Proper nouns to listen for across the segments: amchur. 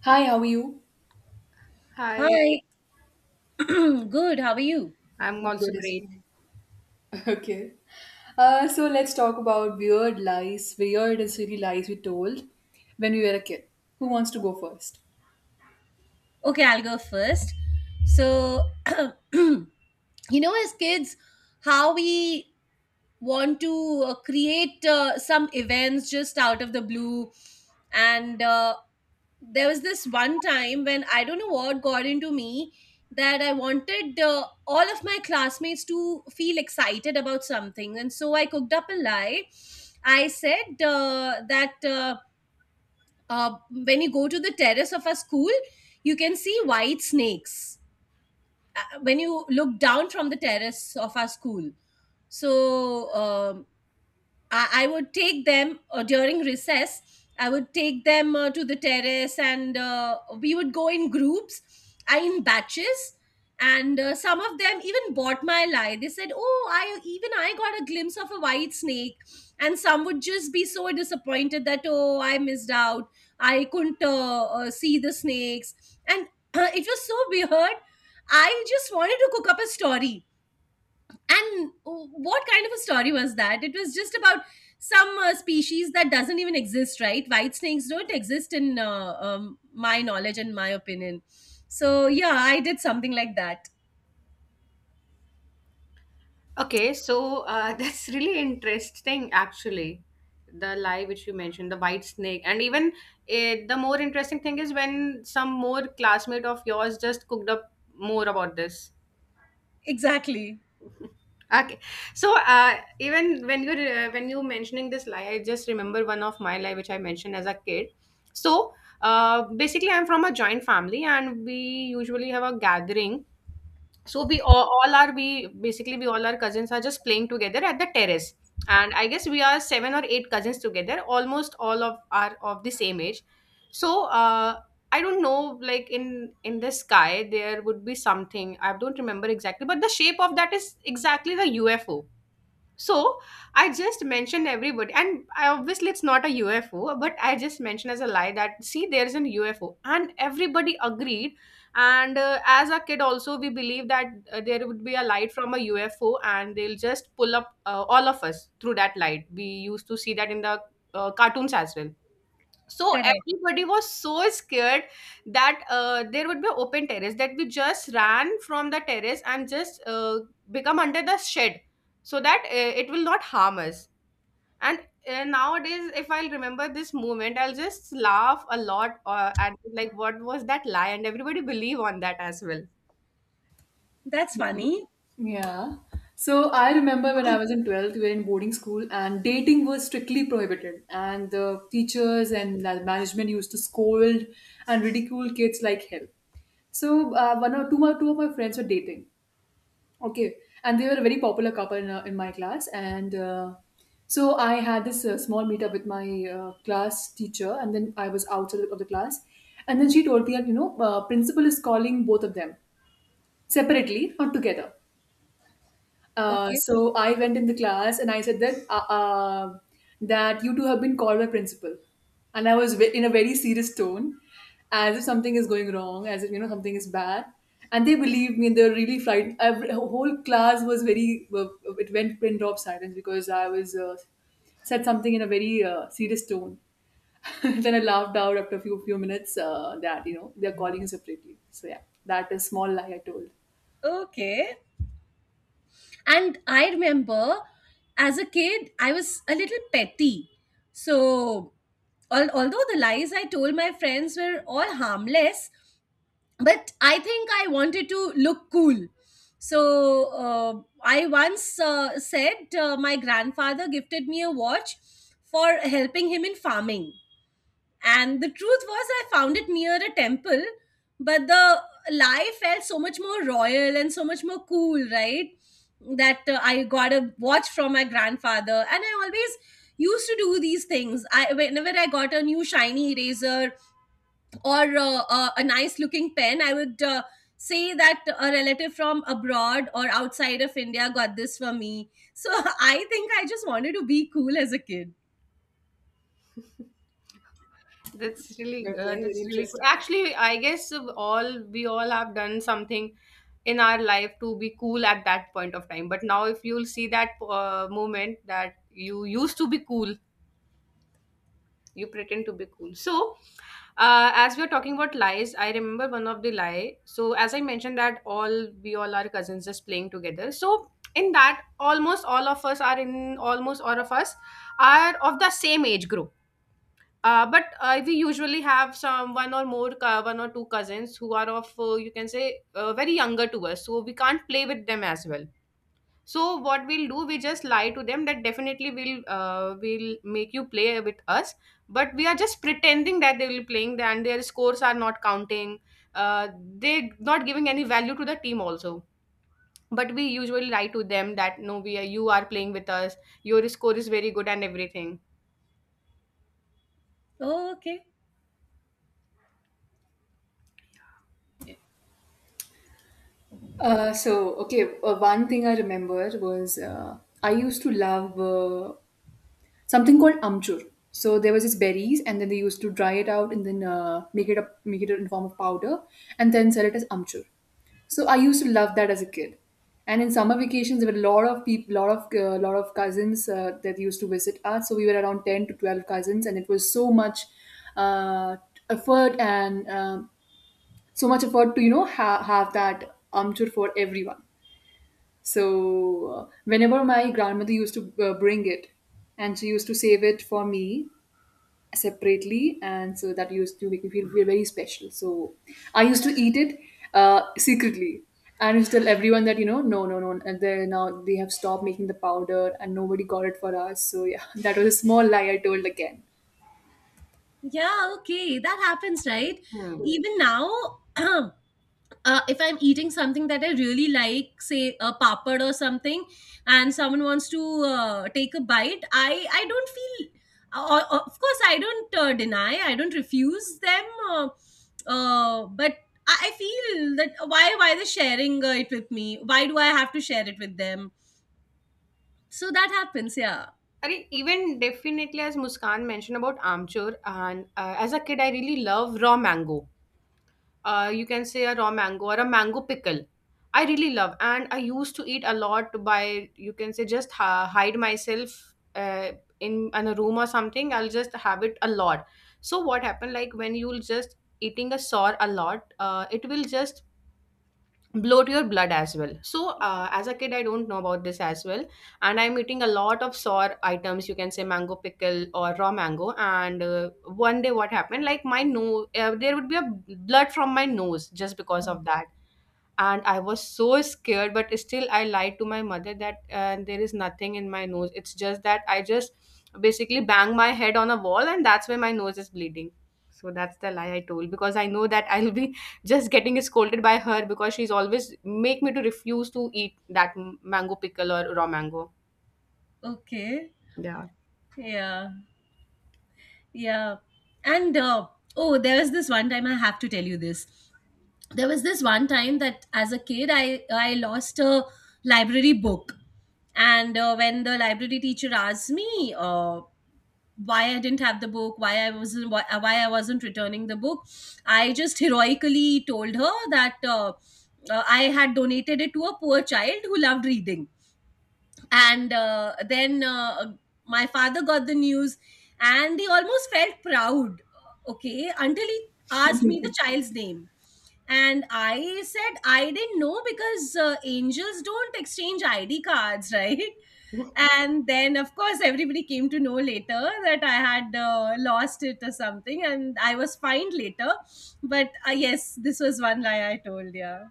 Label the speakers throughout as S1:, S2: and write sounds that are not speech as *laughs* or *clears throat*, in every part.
S1: Hi, how are you?
S2: Hi,
S3: Hi, *clears throat* good. How are you?
S2: I'm
S1: I'm
S2: also
S1: good as
S2: great.
S1: well. *laughs* Okay. So let's talk about weird lies, weird and silly lies we told when we were a kid. Who wants to go first?
S3: Okay, I'll go first. So, *clears throat* you know, as kids, how we want to create some events just out of the blue. And there was this one time when I don't know what got into me that I wanted all of my classmates to feel excited about something. And so I cooked up a lie. I said that. When you go to the terrace of a school, you can see white snakes when you look down from the terrace of our school. So I would take them during recess. I would take them to the terrace, and we would go in groups, I in batches. And some of them even bought my lie. They said, "Oh, I got a glimpse of a white snake." And some would just be so disappointed that, "Oh, I missed out. I couldn't see the snakes." And *clears throat* it was so weird. I just wanted to cook up a story, and what kind of a story was that? It was just about some species that doesn't even exist, right? White snakes don't exist in my knowledge and my opinion. So yeah, I did something like that.
S2: Okay, *laughs* that's really interesting, actually. The lie which you mentioned, the white snake, and even, the more interesting thing is when some more classmate of yours just cooked up more about this.
S3: Exactly.
S2: Okay, so, even when you mentioning this lie, I just remember one of my lie which I mentioned as a kid. So Basically, I'm from a joint family, and we usually have a gathering, so we all are we basically we all our cousins are just playing together at the terrace, and I guess we are seven or eight cousins together, almost all of are of the same age. So, I don't know, like in the sky there would be something, I don't remember exactly, but the shape of that is exactly the ufo. So I just mentioned everybody, and I, obviously it's not a UFO, but I just mentioned as a lie that see there's an UFO, and everybody agreed. And as a kid, also we believe that there would be a light from a UFO, and they'll just pull up all of us through that light. We used to see that in the cartoons as well. So
S3: Correct.
S2: everybody was so scared that there would be open terrace, that we just ran from the terrace and just become under the shed so that it will not harm us. And nowadays, if I'll remember this moment, I'll just laugh a lot at like what was that lie, and everybody believe on that as well.
S3: That's funny.
S1: Yeah. So I remember when I was in 12th, we were in boarding school and dating was strictly prohibited. And the teachers and the management used to scold and ridicule kids like hell. So one or two, my, two of my friends were dating, okay, and they were a very popular couple in my class, and so I had this small meetup with my class teacher, and then I was outside of the class, and then she told me that principal is calling both of them separately, not together. Uh,
S3: Okay.
S1: so I went in the class and I said that you two have been called by principal, and I was in a very serious tone, as if something is going wrong, as if something is bad, and they believed me. And They were really frightened. Whole class was it went pin drop silence because I was said something in a very serious tone. *laughs* Then I laughed out after a few minutes that they're calling you separately. So yeah, that is small lie I told.
S3: Okay. And I remember as a kid, I was a little petty. So, although the lies I told my friends were all harmless, but I think I wanted to look cool. So I once said my grandfather gifted me a watch for helping him in farming, and the truth was I found it near a temple. But the lie felt so much more royal and so much more cool, right? That I got a watch from my grandfather. And I always used to do these things. I whenever i got a new shiny eraser or a nice looking pen, I would say that a relative from abroad or outside of India got this for me. So *laughs* I think I just wanted to be cool as a kid.
S2: *laughs*
S1: Okay, very
S2: That's really cool.
S1: interesting.
S2: Actually, I guess of all we all have done something in our life to be cool at that point of time. But now, if you'll see that moment that you used to be cool, you pretend to be cool. So, as we are talking about lies, I remember one of the lie. So, as I mentioned that all we all are cousins just playing together. So, in that, almost all of us are of the same age group. But we usually have some one or two cousins who are of you can say very younger to us, so we can't play with them as well. So what we'll do, we just lie to them that definitely we'll make you play with us, but we are just pretending that they will playing and their scores are not counting. uh, they not giving any value to the team also, but we usually lie to them that no we are, you are playing with us, your score is very good and everything.
S3: Oh, okay.
S1: Okay, one thing I remember was I used to love something called amchur. So there was this berries, and then they used to dry it out and then make it in form of powder, and then sell it as amchur. So I used to love that as a kid. And in summer vacations, there were a lot of people, lot of cousins that used to visit us. So we were around 10 to 12 cousins, and it was uh, effort and um so much effort to have that amchur for everyone. So whenever my grandmother used to bring it, and she used to save it for me separately, and so that used to make me feel very special. So I used to eat it secretly. And I used to tell everyone that no, no, no, and they have stopped making the powder, and nobody got it for us. So yeah, *laughs* that was a small lie I told again.
S3: Yeah, okay, that happens, right?
S2: Hmm.
S3: Even now, *clears throat* if I'm eating something that I really like, say a papad or something, and someone wants to take a bite, I don't feel. Of course, I don't deny. I don't refuse them. Uh, but I feel that why they sharing it with me? Why do I have to share it with them? So that happens. Yeah.
S2: I mean, even definitely as Muskan mentioned about Amchur, and as a kid, I really love raw mango. You can say a raw mango or a mango pickle. I really love, and I used to eat a lot by you can say just hide myself, uh, in a room or something. I'll just have it a lot. So what happened? Like when you'll just eating a sour a lot, it will just bloat your blood as well. As a kid, I don't know about this as well, and I'm eating a lot of sour items, you can say mango pickle or raw mango. And one day what happened, like my nose, there would be a blood from my nose just because
S3: Oh.
S2: of that, and I was so scared. But still I lied to my mother that there is nothing in my nose, it's just that I just basically bang my head on a wall, and that's where my nose is bleeding. So that's the lie I told, because I know that I'll be *laughs* just getting scolded by her, because she's always make me to refuse to eat that mango pickle or raw mango.
S3: Okay.
S2: Yeah.
S3: Yeah. Yeah. And oh, there was this one time I have to tell you this. There was this one time that as a kid I lost a library book. And when the library teacher asked me uh, why I didn't have the book why I wasn't why I wasn't returning the book, I just heroically told her that I had donated it to a poor child who loved reading. And then my father got the news and he almost felt proud, okay, until he asked me the
S1: *laughs*
S3: child's name. And I said I didn't know because angels don't exchange ID cards. *laughs* Right? And then of course everybody came to know later that I had lost it or something, and I was fined later. But yes, this was one lie I told. Yeah,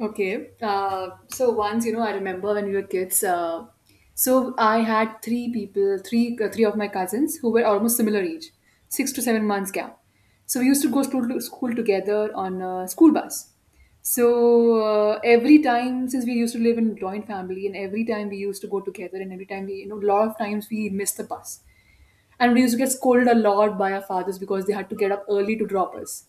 S1: Okay. So once, I remember when we were kids. So I had three people, three three of my cousins who were almost similar age, 6 to 7 months gap. So we used to go school to school together on a school bus. So every time, since we used to live in joint family, and every time we used to go together, and every time a lot of times we missed the bus, and we used to get scolded a lot by our fathers because they had to get up early to drop us.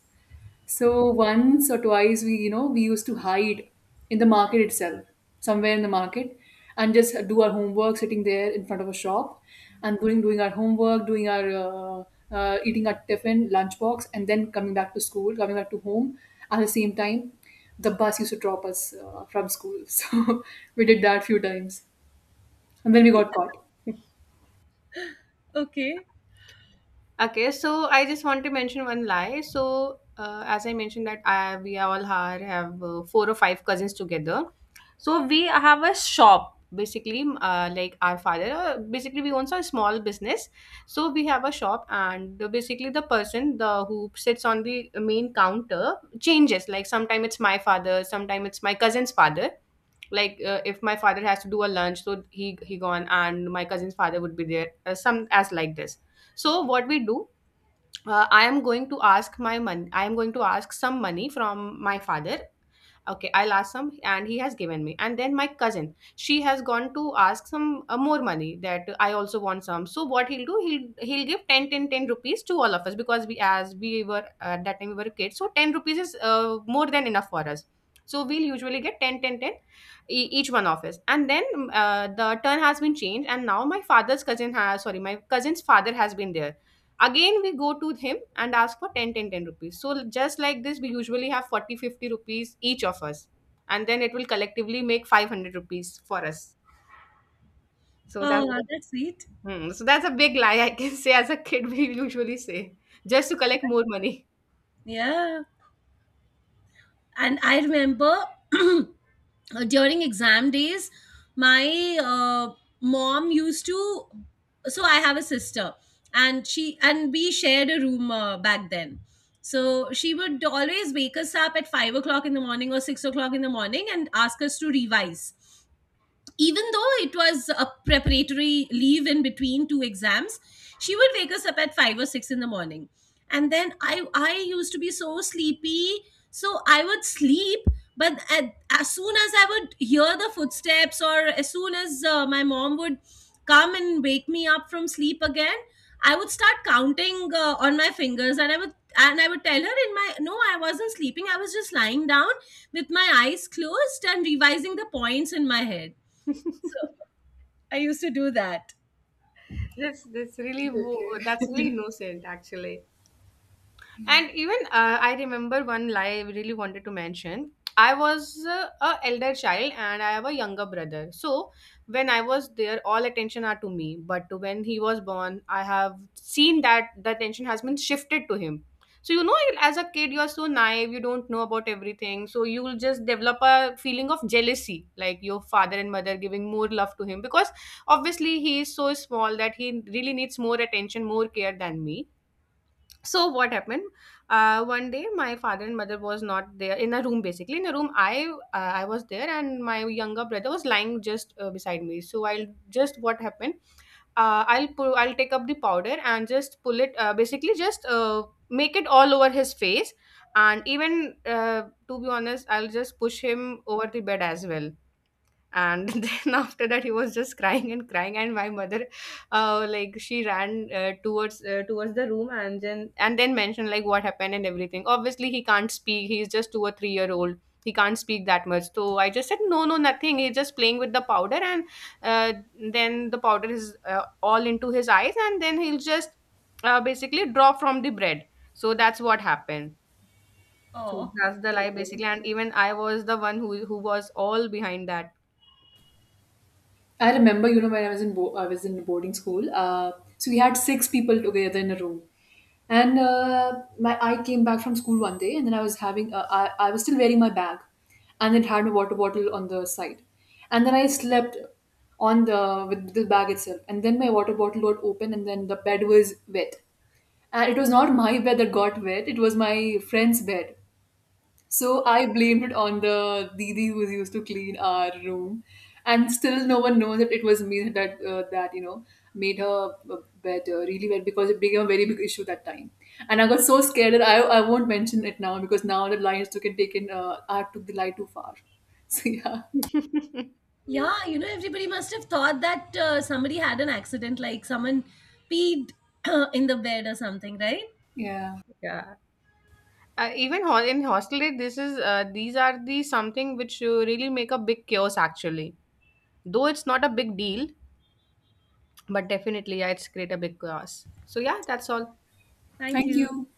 S1: So once or twice we used to hide in the market itself, somewhere in the market, and just do our homework sitting there in front of a shop, and doing our homework, doing our eating our tiffin, lunchbox, and then coming back to school, coming back to home. At the same time, the bus used to drop us from school. *laughs* So we did that few times, and then we got caught.
S3: okay.
S2: Okay, so I just want to mention one lie. So, as I mentioned that I, we all are, have four or five cousins together. So we have a shop basically, like our father. Basically, we own a small business. So we have a shop, and basically the person the who sits on the main counter changes. Like sometime it's my father, sometime it's my cousin's father. Like if my father has to do a lunch, so he gone, and my cousin's father would be there. Some as like this. So what we do, I am going to ask some money from my father, okay, I'll ask some, and he has given me, and then my cousin, she has gone to ask some more money that I also want some. So what he'll do, he'll give 10, 10, 10 rupees to all of us, because we as we were, at that time we were kids, so 10 rupees is more than enough for us. So we'll usually get 10, 10, 10 each one of us, and then the turn has been changed, and now my cousin's father has been there. Again we go to him and ask for 10, 10, 10 rupees. So just like this we usually have 40, 50 rupees each of us, and then it will collectively make 500 rupees for us. So that's,
S3: Oh, that's sweet.
S2: hmm, so that's a big lie I can say, as a kid we usually say, just to collect more money.
S3: Yeah. And I remember *clears throat* during exam days, my uh, mom used to, so I have a sister, and she and we shared a room back then. So she would always wake us up at 5 o'clock in the morning or 6 o'clock in the morning and ask us to revise, even though it was a preparatory leave in between two exams. She would wake us up at 5 or 6 in the morning. And then I used to be so sleepy, so I would sleep. But as soon as I would hear the footsteps, or as soon as my mom would come and wake me up from sleep again, I would start counting on my fingers, and I would tell her in my, no I wasn't sleeping, I was just lying down with my eyes closed and revising the points in my head. So
S2: *laughs*
S3: I used to do that.
S2: That's
S1: Okay.
S2: that's really innocent, actually. And even I remember one lie I really wanted to mention. I was a elder child, and I have a younger brother. So when I was there, all attention are to me. But when he was born, I have seen that the attention has been shifted to him. So you know, as a kid, you are so naive. You don't know about everything. So you will just develop a feeling of jealousy, like your father and mother giving more love to him, because obviously he is so small that he really needs more attention, more care than me. So what happened, one day my father and mother was not there in a room, basically in a room, I was there, and my younger brother was lying just beside me, so I'll just, what happened, I'll take up the powder and just pull it, basically just make it all over his face. And even to be honest, I'll just push him over the bed as well. And *laughs* then after that he was just crying and crying, and my mother, like she ran towards the room, and then mentioned like what happened and everything. Obviously he can't speak, he's just two or three-year old, he can't speak that much. So I just said no, no, nothing, he's just playing with the powder, and uh, then the powder is all into his eyes, and then he'll just basically drop from the bread. So that's what happened. So
S3: Oh,
S2: that's the lie basically, and even I was the one who was all behind that.
S1: I remember, when I was I was in boarding school. So we had six people together in a room, and my I came back from school one day, and then I was still wearing my bag, and it had a water bottle on the side, and then I slept on the with the bag itself, and then my water bottle got open, and then the bed was wet, and it was not my bed that got wet; it was my friend's bed. So I blamed it on the Didi who used to clean our room, and still no one knows that it was me that made her bed really wet because it became a very big issue that time. And I got so scared that I won't mention it now because now the lions took it taken I took the lie too far. *laughs* So yeah,
S2: *laughs*
S3: yeah. You know, everybody must have thought that somebody had an accident, like someone peed *clears throat* in the bed or something, right?
S1: yeah.
S2: Yeah. Even in hostelry, this is these are the something which really make a big chaos actually. Though it's not a big deal, but definitely, yeah, it's create a big chaos. So yeah, that's all.
S3: Thank
S1: Thank
S3: you.
S1: you.